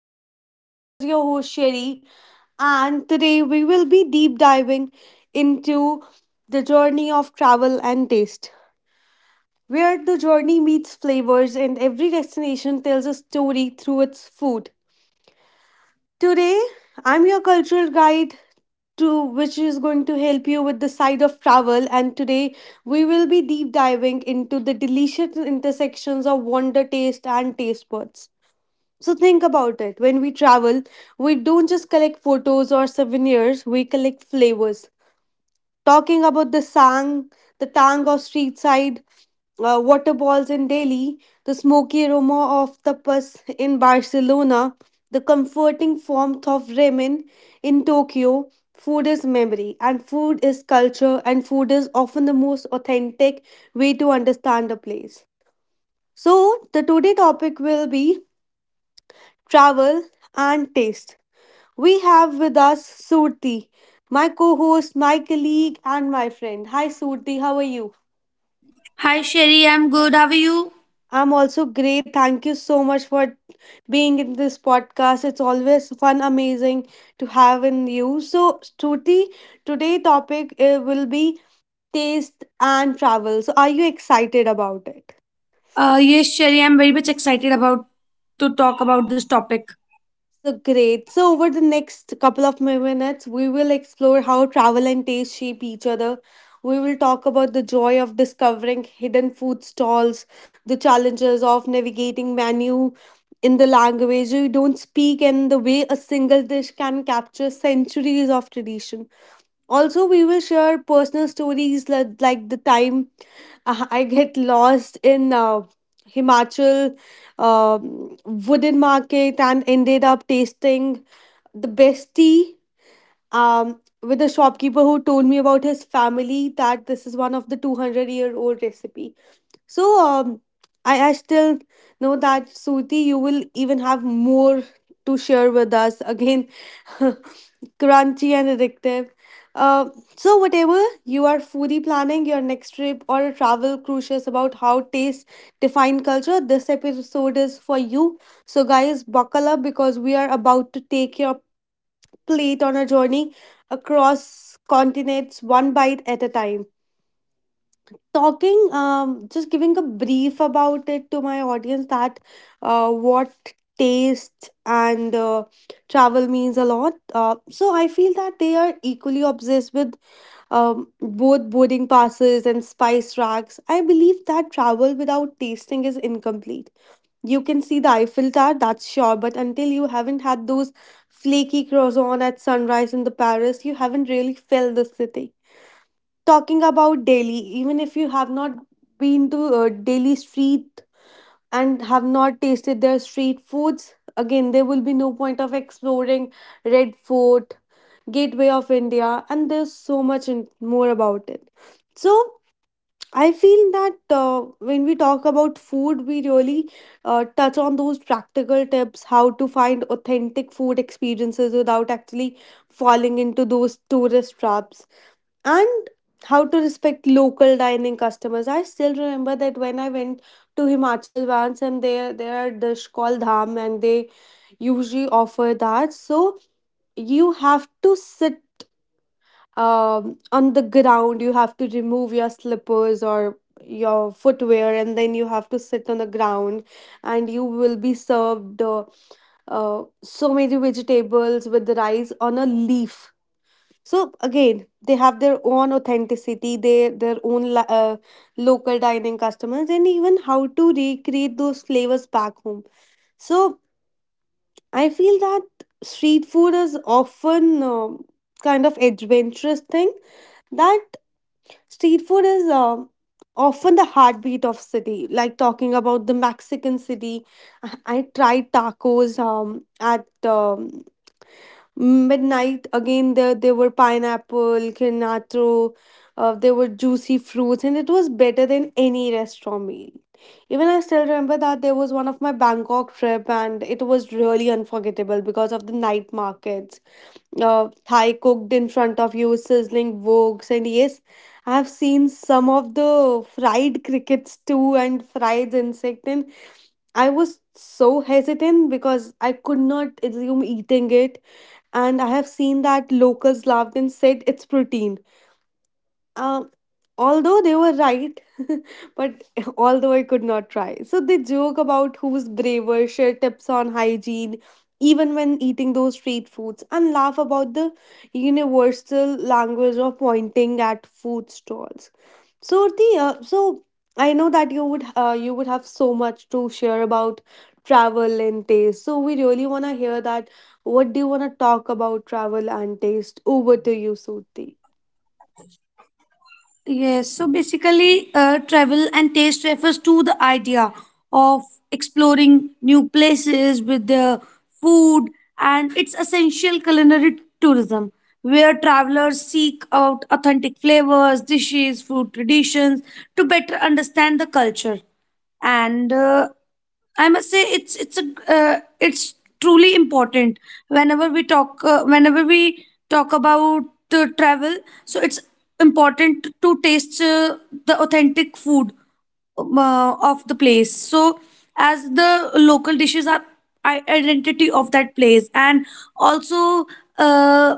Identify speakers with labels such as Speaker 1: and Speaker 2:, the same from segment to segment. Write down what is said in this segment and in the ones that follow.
Speaker 1: podcast. Here's your host Sherry, and today we will be deep diving into the journey of travel and taste, where the journey meets flavors and every destination tells a story through its food. Today, I'm your cultural guide to which is going to help you with the side of travel, and today we will be deep diving into the delicious intersections of wonder taste and taste buds. So think about it. When we travel, we don't just collect photos or souvenirs, we collect flavors. Talking about the sang, the tang of street side, water balls in Delhi, the smoky aroma of tapas in Barcelona, the comforting warmth of ramen in Tokyo. Food is memory, and food is culture, and food is often the most authentic way to understand a place. So, the today topic will be travel, and taste. We have with us Surti, my co host, my colleague, and my friend. Hi, Surti, how are you?
Speaker 2: Hi Sherry, I'm good. How are you?
Speaker 1: I'm also great. Thank you so much for being in this podcast. It's always fun, amazing to have in you. So, Surti, today topic will be taste and travel. So, are you excited about it?
Speaker 2: Yes, Sherry, I'm very much excited about to talk about this topic.
Speaker 1: So great. So over the next couple of minutes, we will explore how travel and taste shape each other. We will talk about the joy of discovering hidden food stalls, the challenges of navigating menu in the language you don't speak, and the way a single dish can capture centuries of tradition. Also, we will share personal stories like the time I I get lost in Himachal wooden market and ended up tasting the best tea, with a shopkeeper who told me about his family that this is one of the 200-year-old recipe. So I still know that Suti, you will even have more to share with us again, crunchy and addictive. Uh, so whatever you are foodie planning your next trip or a travel crucious about how taste define culture, this episode is for you. So guys, buckle up because we are about to take your plate on a journey across continents, one bite at a time. Just giving a brief about it to my audience that what taste and travel means a lot. So I feel that they are equally obsessed with both boarding passes and spice racks. I believe that travel without tasting is incomplete. You can see the Eiffel Tower, that's sure, but until you haven't had those flaky croissants at sunrise in the Paris, you haven't really felt the city. Talking about Delhi, even if you have not been to Delhi street and have not tasted their street foods, again there will be no point of exploring Red Fort, Gateway of India, and there's so much more about it. So I feel that when we talk about food, we really touch on those practical tips how to find authentic food experiences without actually falling into those tourist traps and how to respect local dining customers. I still remember that when I went to Himachal once and there are dish called dham and they usually offer that. So you have to sit on the ground, you have to remove your slippers or your footwear and then you have to sit on the ground and you will be served so many vegetables with the rice on a leaf. So again they have their own authenticity, they their own local dining customers and even how to recreate those flavors back home. So I feel that street food is often kind of adventurous thing that street food is often the heartbeat of city. Like talking about the Mexican city, I tried tacos at midnight. Again there were pineapple canatro, there were juicy fruits and it was better than any restaurant meal. Even I still remember that there was one of my Bangkok trip and it was really unforgettable because of the night markets. Thai cooked in front of you sizzling woks, and yes, I have seen some of the fried crickets too and fried insect, and I was so hesitant because I could not assume eating it, and I have seen that locals laughed and said it's protein. Um, Although they were right, but although I could not try. So they joke about who's braver, share tips on hygiene, even when eating those street foods, and laugh about the universal language of pointing at food stalls. So I know that you would have so much to share about travel and taste. So we really wanna hear that. What do you wanna talk about travel and taste? Over to you, Surti.
Speaker 2: Yes, so basically, travel and taste refers to the idea of exploring new places with the food and its essential culinary tourism, where travelers seek out authentic flavors, dishes, food traditions to better understand the culture. And I must say it's a it's truly important whenever we talk about travel. So it's important to taste the authentic food of the place so as the local dishes are identity of that place and also, uh,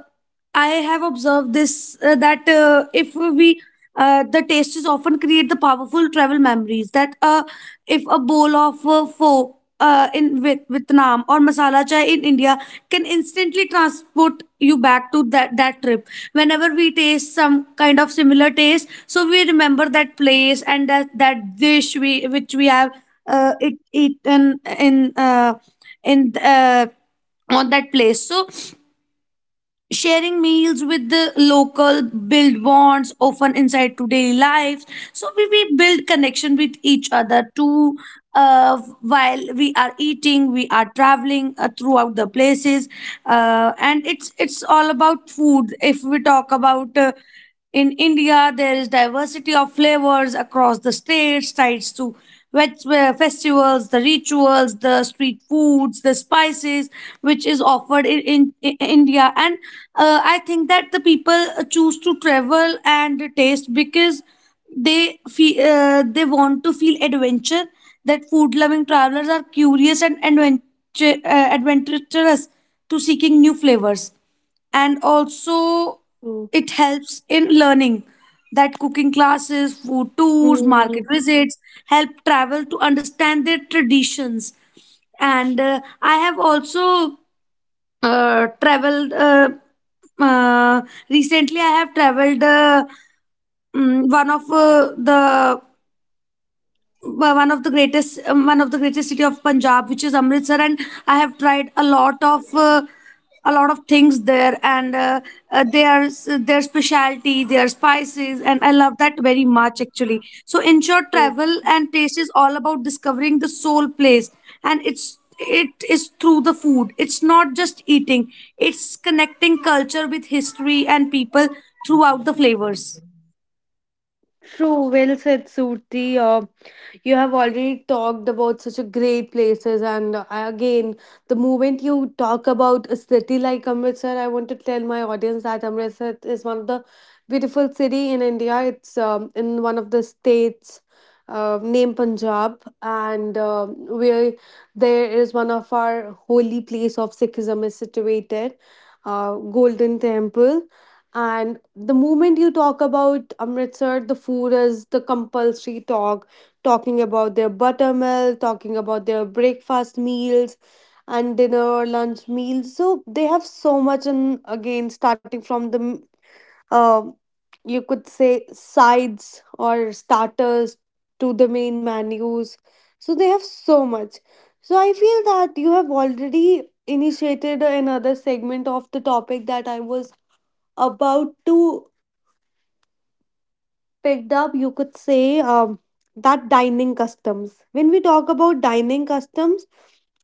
Speaker 2: I have observed this that if we the tastes often create the powerful travel memories that, if a bowl of pho in Vietnam or masala chai in India, can instantly transport you back to that trip. Whenever we taste some kind of similar taste, so we remember that place and that dish we which we have it eaten in on that place. So sharing meals with the local build bonds often inside to daily lives, so we build connection with each other too. While we are eating, we are traveling throughout the places. And it's all about food. If we talk about, in India, there is diversity of flavors across the states, sites to festivals, the rituals, the street foods, the spices, which is offered in India. And I think that the people choose to travel and taste because they feel, they want to feel adventure. That food-loving travelers are curious and adventurous to seeking new flavors, and also it helps in learning that cooking classes, food tours, market
Speaker 1: Mm.
Speaker 2: visits help travel to understand their traditions. And I have also traveled uh, recently. I have traveled, mm, one of the one of the greatest one of the greatest city of Punjab, which is Amritsar, and I have tried a lot of things there, and uh, their their specialty, their spices, and I love that very much actually. So, in short,
Speaker 1: Right.
Speaker 2: travel and taste is all about discovering the soul place, and it is through the food. It's not just eating; it's connecting culture with history and people throughout the flavors.
Speaker 1: True, well said, Surti. You have already talked about such a great places, and again, the moment you talk about a city like Amritsar, I want to tell my audience that Amritsar is one of the beautiful city in India. It's in one of the states. Named Punjab, and where there is one of our holy place of Sikhism is situated, Golden Temple. And the moment you talk about Amritsar, the food is the compulsory talk, talking about their buttermilk, talking about their breakfast meals and dinner, lunch meals. So they have so much and again, starting from the uh, you could say sides or starters to the main menus. So they have so much. So I feel that you have already initiated another segment of the topic that I was about to picked up, you could say, that dining customs. When we talk about dining customs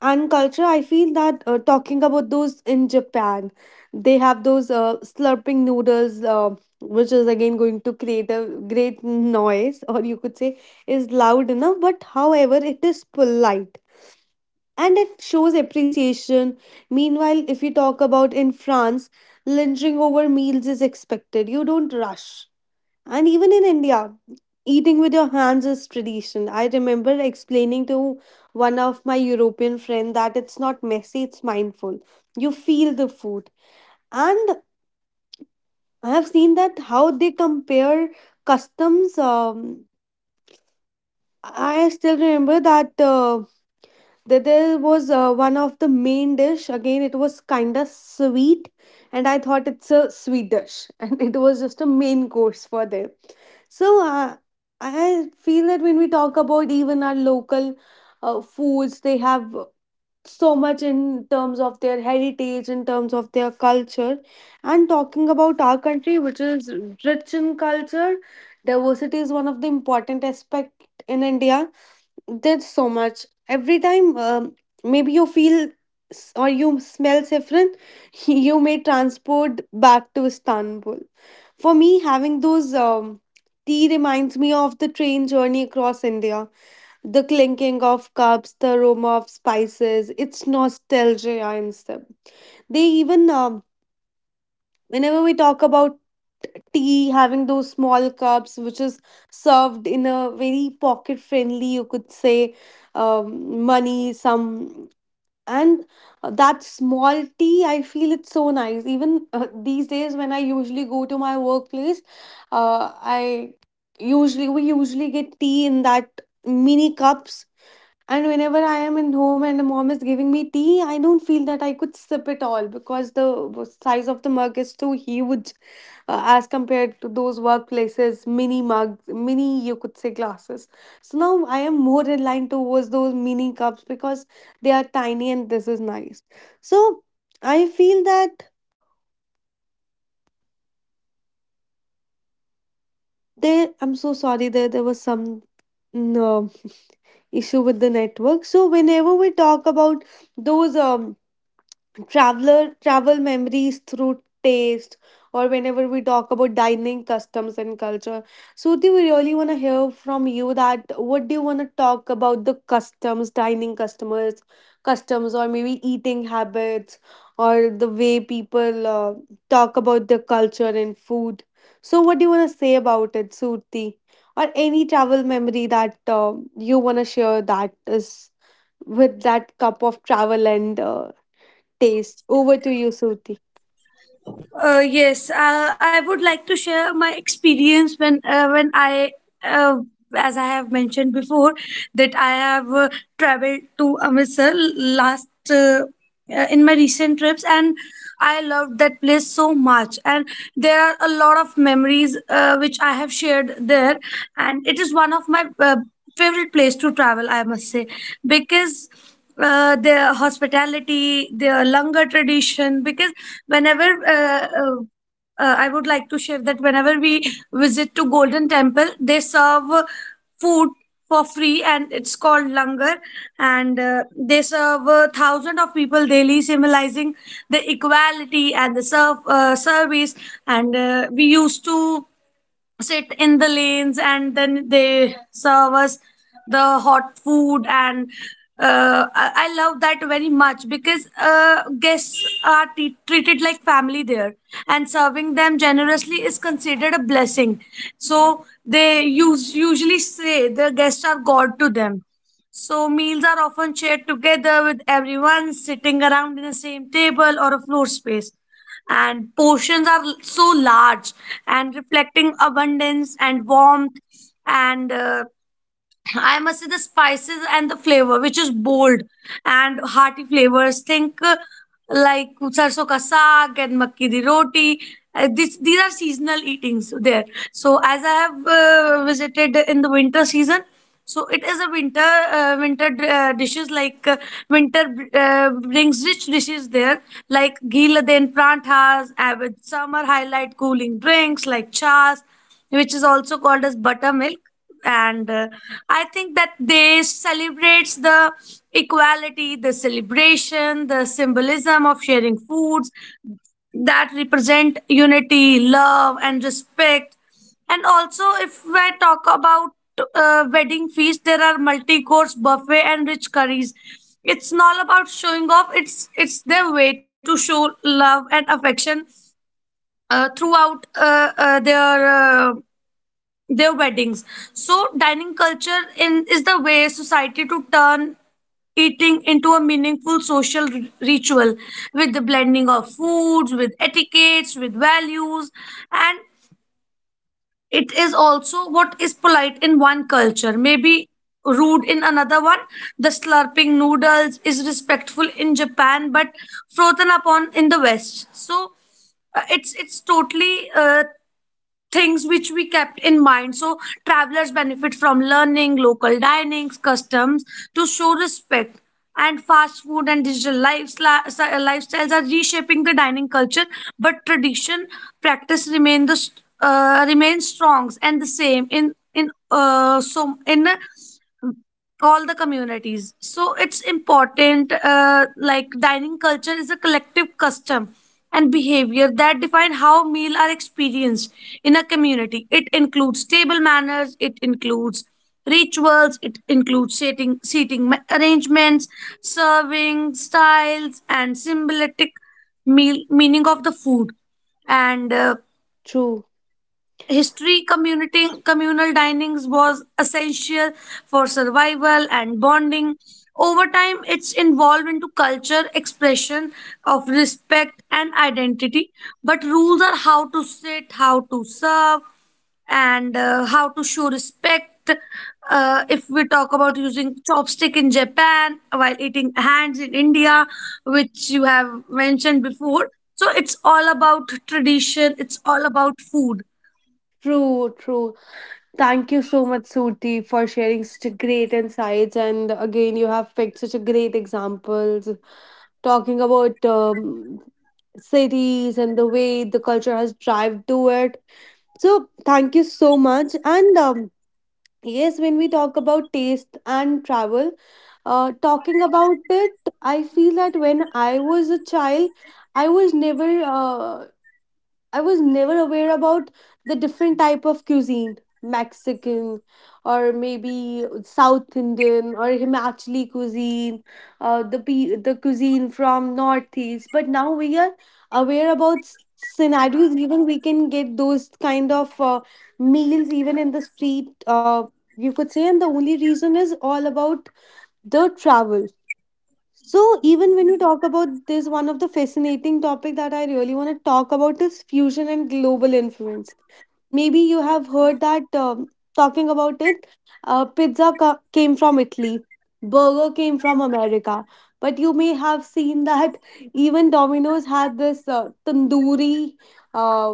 Speaker 1: and culture, I feel that talking about those in Japan, they have those slurping noodles, which is again going to create a great noise, or you could say is loud enough, but however, it is polite. And it shows appreciation. Meanwhile, if you talk about in France, lingering over meals is expected. You don't rush, and even in India, eating with your hands is tradition. I remember explaining to one of my European friend that it's not messy, it's mindful. You feel the food. And I have seen that how they compare customs. I still remember that that there was one of the main dish. Again, it was kind of sweet, and I thought it's a sweet dish, and it was just a main course for them. So I feel that when we talk about even our local foods, they have so much in terms of their heritage, in terms of their culture, and talking about our country, which is rich in culture, diversity is one of the important aspect in India. There's so much. Every time, maybe you feel or you smell saffron, you may transport back to Istanbul. For me, having those tea reminds me of the train journey across India, the clinking of cups, the aroma of spices. It's nostalgia in step. They even whenever we talk about tea, having those small cups which is served in a very pocket friendly, you could say, money some, and that small tea I feel it's so nice. Even these days when I usually go to my workplace, uh, I usually we usually get tea in that mini cups, and whenever I am in home and the mom is giving me tea, I don't feel that I could sip it all because the size of the mug is too huge as compared to those workplaces, mini mugs, mini, you could say, glasses. So now I am more in line towards those mini cups because they are tiny and this is nice. So I feel that there, I'm so sorry that there was some mm, uh, issue with the network. So whenever we talk about those. Traveler travel memories through taste or whenever we talk about dining customs and culture, Suti, we really want to hear from you that what do you want to talk about the customs dining customers customs or maybe eating habits or the way people talk about their culture and food. So what do you want to say about it, Suti? Or any travel memory that you want to share that is with that cup of travel and taste. Over to you, Suti.
Speaker 2: Yes, I would like to share my experience when uh, as I have mentioned before, that I have traveled to Amritsar last, in my recent trips, and I loved that place so much. And there are a lot of memories which I have shared there, and it is one of my favorite place to travel, I must say, because their hospitality, their longer tradition. Because whenever I would like to share that whenever we visit to Golden Temple, they serve food for free, and it's called langar. And they serve thousands of people daily, symbolizing the equality and the service. And we used to sit in the lanes, and then they serve us the hot food. And I love that very much because guests are treated like family there, and serving them generously is considered a blessing. So they use, usually say the guests are God to them. So meals are often shared together, with everyone sitting around in the same table or a floor space. And portions are so large, and reflecting abundance and warmth. And I must say the spices and the flavor, which is bold and hearty flavors. Think like sarso ka saag and makki di roti. These are seasonal eatings there. So as I have visited in the winter season, so it is a winter winter dishes like winter brings rich dishes there like ghee laden pranthas, with summer highlight cooling drinks like chas, which is also called as buttermilk. And I think that they celebrates the equality, the celebration, the symbolism of sharing foods, that represent unity, love and respect. And also, if I talk about wedding feast, there are multi course buffet and rich curries. It's not about showing off; it's their way to show love and affection throughout their weddings. So dining culture in is the way society to turn eating into a meaningful social ritual, with the blending of foods, with etiquettes, with values, and it is also what is polite in one culture, maybe rude in another one. The slurping noodles is respectful in Japan, but frozen upon in the West. So it's totally things which we kept in mind. So travelers benefit from learning local dinings, customs, to show respect. And fast food and digital lifestyles are reshaping the dining culture, but tradition practice remain the remain strong and the same in so in a all the communities. So it's important, like dining culture is a collective custom and behavior that define how meal are experienced in a community. It includes table manners, it includes rituals, it includes seating arrangements, serving styles, and symbolic meal meaning of the food. And
Speaker 1: True,
Speaker 2: History community communal dinings was essential for survival and bonding. Over time, it's evolved into culture, expression of respect and identity. But rules are how to sit, how to serve, and how to show respect. If we talk about using chopstick in Japan while eating hands in India, which you have mentioned before. So it's all about tradition. It's all about food.
Speaker 1: true, true. Thank you so much, Suti, for sharing such a great insights. And again, you have picked such a great examples talking about cities and the way the culture has drived to it. So, thank you so much. And yes, when we talk about taste and travel, uh, talking about it, I feel that when I was a child, I was never uh, I was never aware about the different type of cuisine, Mexican or maybe South Indian or Himachali cuisine, the cuisine from Northeast. But now we are aware about scenarios. Even we can get those kind of meals even in the street. You could say, and the only reason is all about the travel. So even when we talk about this, one of the fascinating topic that I really want to talk about is fusion and global influence. Maybe you have heard that talking about it, pizza came from Italy, burger came from America, but you may have seen that even Domino's had this tandoori, uh,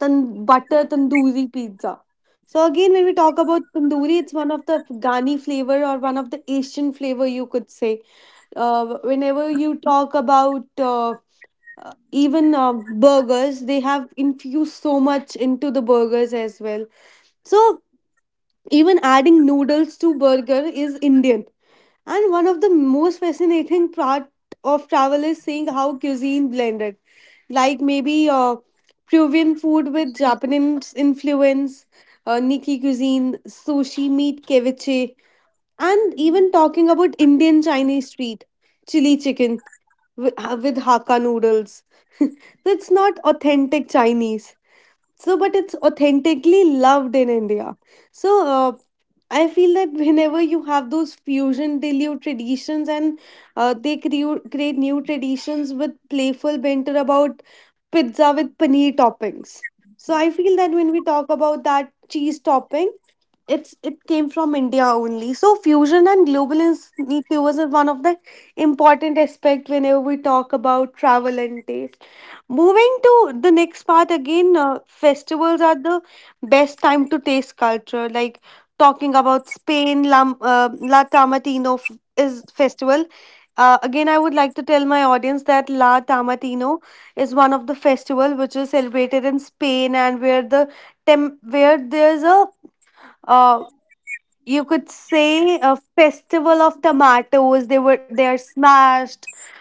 Speaker 1: butter tandoori pizza. So again, when we talk about tandoori, it's one of the Ghani flavor or one of the Asian flavor, you could say whenever you talk about even burgers, they have infused so much into the burgers as well. So even adding noodles to burger is Indian. And one of the most fascinating part of travel is seeing how cuisine blended, like maybe Peruvian food with Japanese influence, Nikki cuisine, sushi, meat, ceviche. And even talking about Indian Chinese street, chili chicken with, with Hakka noodles. That's not authentic Chinese. So, but it's authentically loved in India. So, I feel that whenever you have those fusion, they new traditions and create new traditions with playful banter about pizza with paneer toppings. So, I feel that when we talk about that cheese topping, it came from India only. So fusion and globalization is flavors is one of the important aspect whenever we talk about travel and taste. Moving to the next part again, festivals are the best time to taste culture. Like talking about Spain, La Tamatino is festival. Again, I would like to tell my audience that La Tamatino is one of the festival which is celebrated in Spain and where the where there's a uh, you could say a festival of tomatoes they are smashed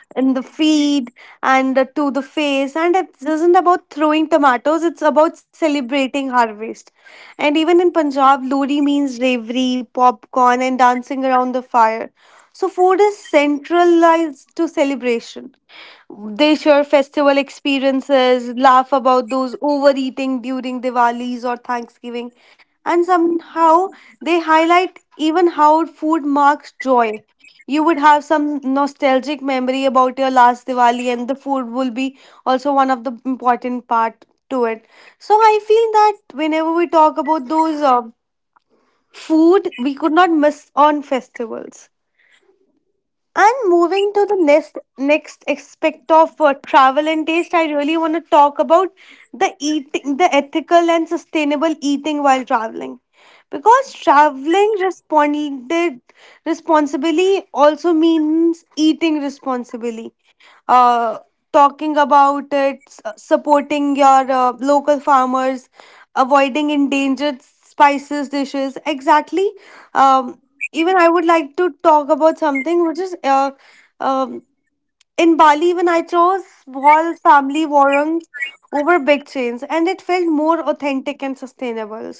Speaker 1: in the feed and to the face, and it isn't about throwing tomatoes. It's about celebrating harvest. And even in Punjab, Lodi means ravery, popcorn and dancing around the fire. So food is centralized to celebration. They share festival experiences, laugh about those overeating during Diwalis or Thanksgiving, and somehow they highlight even how food marks joy. You would have some nostalgic memory about your last Diwali, and the food will be also one of the important part to it. So I feel that whenever we talk about those food, we could not miss on festivals. And moving to the next next aspect of travel and taste, I really want to talk about the eating, the ethical and sustainable eating while traveling, because traveling responded responsibly also means eating responsibly. Uh, talking about it, s- Supporting your local farmers, avoiding endangered spices dishes. Exactly, um, even I would like to talk about something which is um, in Bali when I chose small family warungs over big chains, and it felt more authentic and sustainable.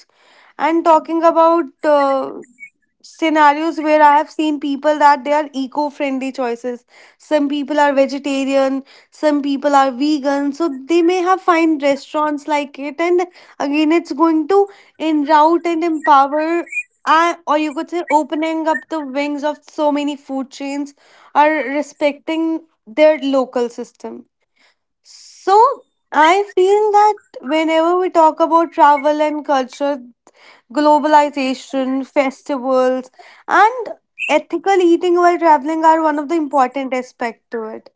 Speaker 1: And talking about scenarios where I have seen people that they are eco friendly choices. Some people are vegetarian, some people are vegan. So they may have fine restaurants like it. And again, it's going to enroute and empower. Or you could say opening up the wings of so many food chains are respecting their local system. So I feel that whenever we talk about travel and culture, globalization, festivals, and ethical eating while traveling are one of the important aspects to it.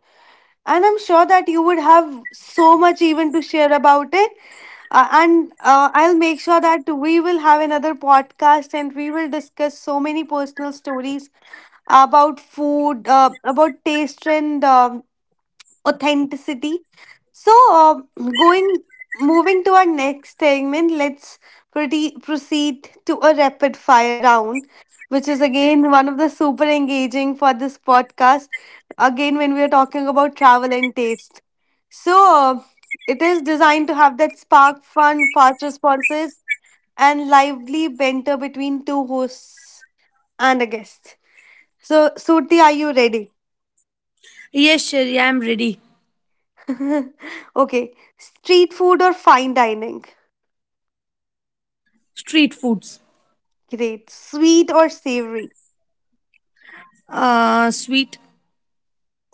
Speaker 1: And I'm sure that you would have so much even to share about it. And I'll make sure that we will have another podcast and we will discuss so many personal stories about food, about taste and authenticity. So, going Moving to our next segment, let's proceed to a rapid fire round, which is again one of the super engaging for this podcast. Again, when we are talking about travel and taste, so uh, it is designed to have that spark, fun, fast responses, and lively banter between two hosts and a guest. So, Suti, are you ready?
Speaker 2: Yes, Sherry, I'm ready.
Speaker 1: Okay. Street food or fine dining?
Speaker 2: Street foods.
Speaker 1: Great. Sweet or savory?
Speaker 2: Sweet.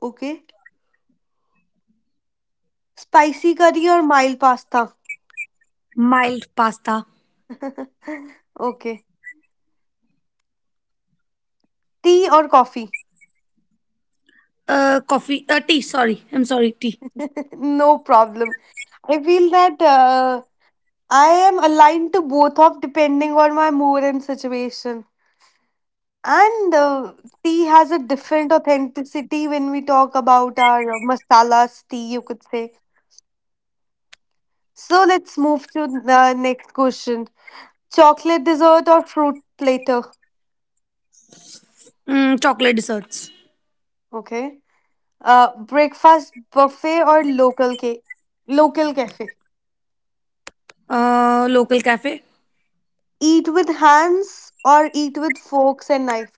Speaker 1: Okay. Spicy curry or mild pasta?
Speaker 2: Mild pasta.
Speaker 1: Okay. Tea or coffee?
Speaker 2: Coffee. Tea. Sorry, I'm sorry. Tea.
Speaker 1: No problem. I feel that I am aligned to both of depending on my mood and situation. And tea has a different authenticity when we talk about our masalas tea, you could say. So let's move to the next question. Chocolate dessert or fruit platter.
Speaker 2: Chocolate desserts.
Speaker 1: Okay. Breakfast buffet or local cafe.
Speaker 2: Local cafe.
Speaker 1: Eat with hands or eat with forks and knife.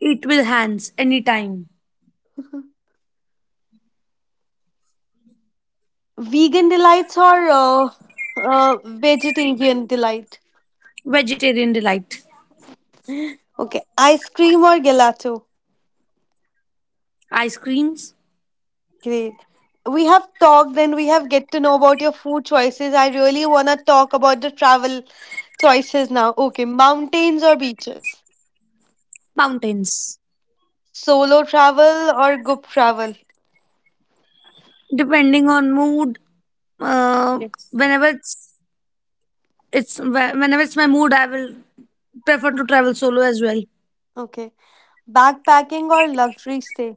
Speaker 2: Eat with hands anytime.
Speaker 1: Vegan delights or vegetarian delight.
Speaker 2: Vegetarian delight.
Speaker 1: Okay. Ice cream or gelato.
Speaker 2: Ice creams.
Speaker 1: Great. We have talked and we have get to know about your food choices. I really wanna talk about the travel choices now. Okay, mountains or beaches?
Speaker 2: Mountains.
Speaker 1: Solo travel or group travel?
Speaker 2: Depending on mood. Uh,
Speaker 1: Yes.
Speaker 2: whenever it's whenever it's my mood, I will prefer to travel solo as well.
Speaker 1: Okay. Backpacking or luxury stay?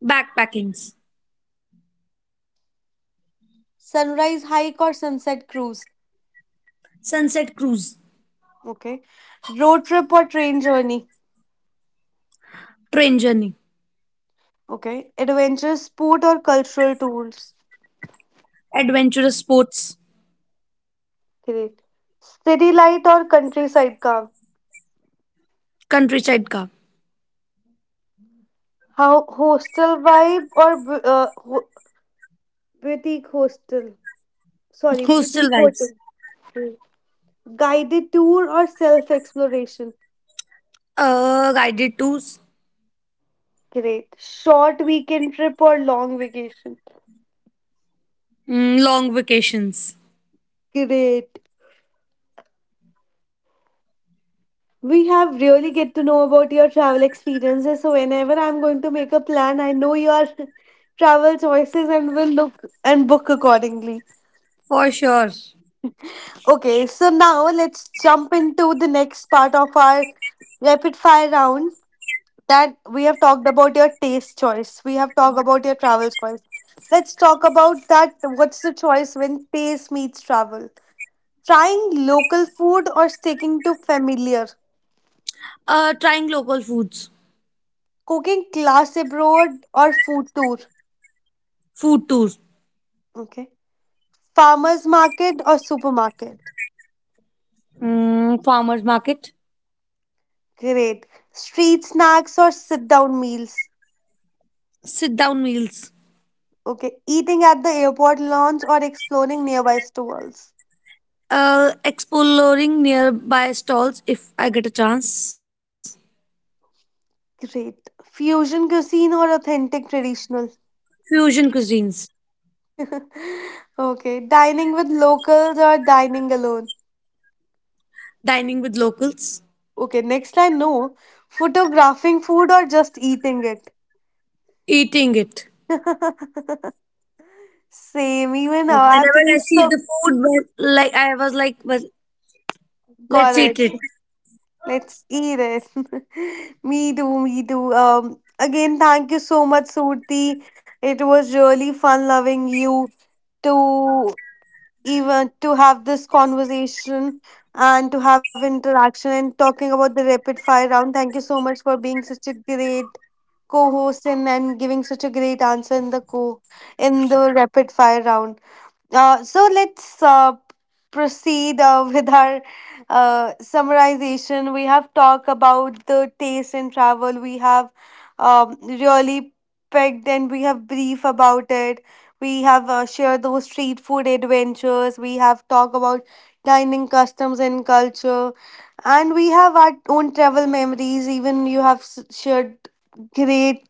Speaker 2: Backpackings.
Speaker 1: Sunrise hike or sunset cruise?
Speaker 2: Sunset cruise.
Speaker 1: Okay. Road trip or train journey?
Speaker 2: Train journey.
Speaker 1: Okay. Adventurous sport or cultural tours?
Speaker 2: Adventurous sports.
Speaker 1: Great. City light or countryside calm?
Speaker 2: Countryside ka.
Speaker 1: How hostel vibe or boutique hostel? Sorry,
Speaker 2: Hostel
Speaker 1: boutique
Speaker 2: vibes.
Speaker 1: hotel. Hmm. Guided tour or self exploration?
Speaker 2: Guided tours.
Speaker 1: Great. Short weekend trip or long vacation?
Speaker 2: Long vacations.
Speaker 1: Great. We have really get to know about your travel experiences. So whenever I'm going to make a plan, I know your travel choices and will look and book accordingly.
Speaker 2: For sure.
Speaker 1: Okay, so now let's jump into the next part of our rapid fire round that we have talked about your taste choice. We have talked about your travel choice. Let's talk about that. What's the choice when taste meets travel? Trying local food or sticking to familiar?
Speaker 2: Trying local foods.
Speaker 1: Cooking class abroad or food tour?
Speaker 2: Food tours.
Speaker 1: Okay. Farmers market or supermarket?
Speaker 2: Farmers market.
Speaker 1: Great. Street snacks or sit down meals?
Speaker 2: Sit down meals.
Speaker 1: Okay. Eating at the airport lounge or exploring nearby stalls?
Speaker 2: Exploring nearby stalls, if I get a chance.
Speaker 1: Great. Fusion cuisine or authentic traditional?
Speaker 2: Fusion cuisines.
Speaker 1: Okay. Dining with locals or dining alone?
Speaker 2: Dining with locals.
Speaker 1: Okay. Next I know. Photographing food or just eating it?
Speaker 2: Eating it.
Speaker 1: Same. Even now,
Speaker 2: Whenever
Speaker 1: I'm
Speaker 2: I see
Speaker 1: so
Speaker 2: the food, but like I was like, well, let's eat
Speaker 1: correct.
Speaker 2: it.
Speaker 1: Let's eat it. Me too, me too. Again, thank you so much, Surti. It was really fun loving you to even to have this conversation and to have interaction and talking about the rapid fire round. Thank you so much for being such a great co-host and giving such a great answer in the co in the rapid fire round. So let's proceed with our summarization. We have talked about the taste in travel. We have really pegged and we have brief about it. We have shared those street food adventures. We have talked about dining customs and culture. And we have our own travel memories. Even you have shared great.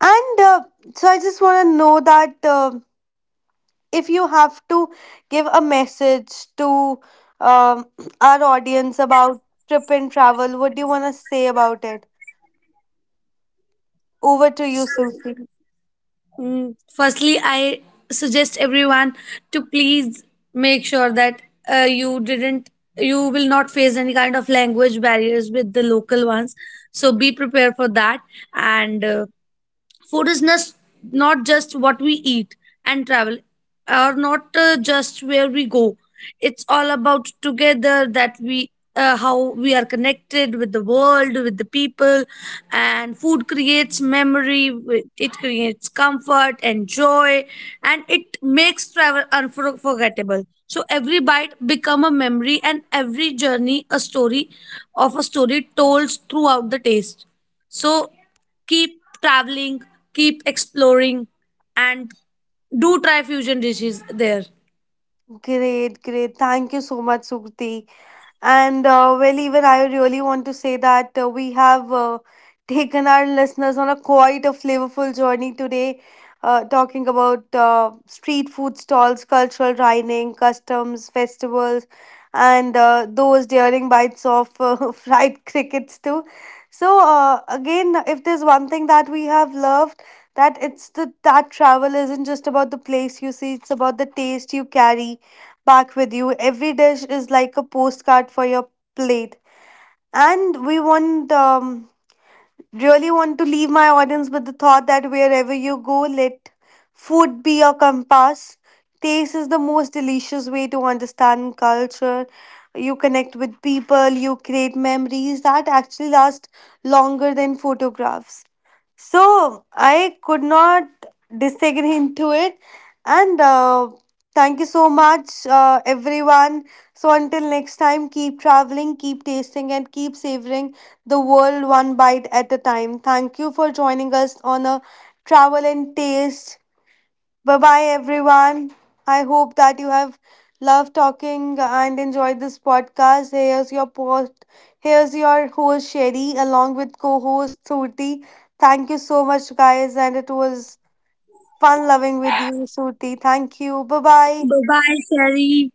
Speaker 1: And so I just want to know that. If you have to give a message to um, our audience about trip and travel, what do you want to say about it? Over to you,
Speaker 2: So
Speaker 1: Surti.
Speaker 2: Firstly, I suggest everyone to please make sure that uh, you didn't, you will not face any kind of language barriers with the local ones. So be prepared for that. And food is just not just what we eat, and travel or not just where we go. It's all about together that we how we are connected with the world, with the people. And food creates memory, it creates comfort and joy, and it makes travel unforgettable. So every bite become a memory, and every journey a story told throughout the taste. So keep traveling, keep exploring, and do try fusion dishes there.
Speaker 1: Great, great. Thank you so much, Surti. And Well, even I really want to say that we have taken our listeners on a quite a flavorful journey today, talking about street food stalls, cultural dining, customs, festivals, and those daring bites of fried crickets too. So again, if there's one thing that we have loved, that it's the that travel isn't just about the place you see, it's about the taste you carry back with you. Every dish is like a postcard for your plate. And we want, really want to leave my audience with the thought that wherever you go, let food be your compass. Taste is the most delicious way to understand culture. You connect with people, you create memories that actually last longer than photographs. So I could not disagree into it. And Thank you so much, everyone. So until next time, keep traveling, keep tasting, and keep savoring the world one bite at a time. Thank you for joining us on a travel and taste. Bye bye, everyone. I hope that you have loved talking and enjoyed this podcast. Here's your post. Here's your host Sherry, along with co-host Suti. Thank you so much, guys, and it was fun loving with you, Suti. Thank you. Bye bye.
Speaker 2: Bye bye, Sherry.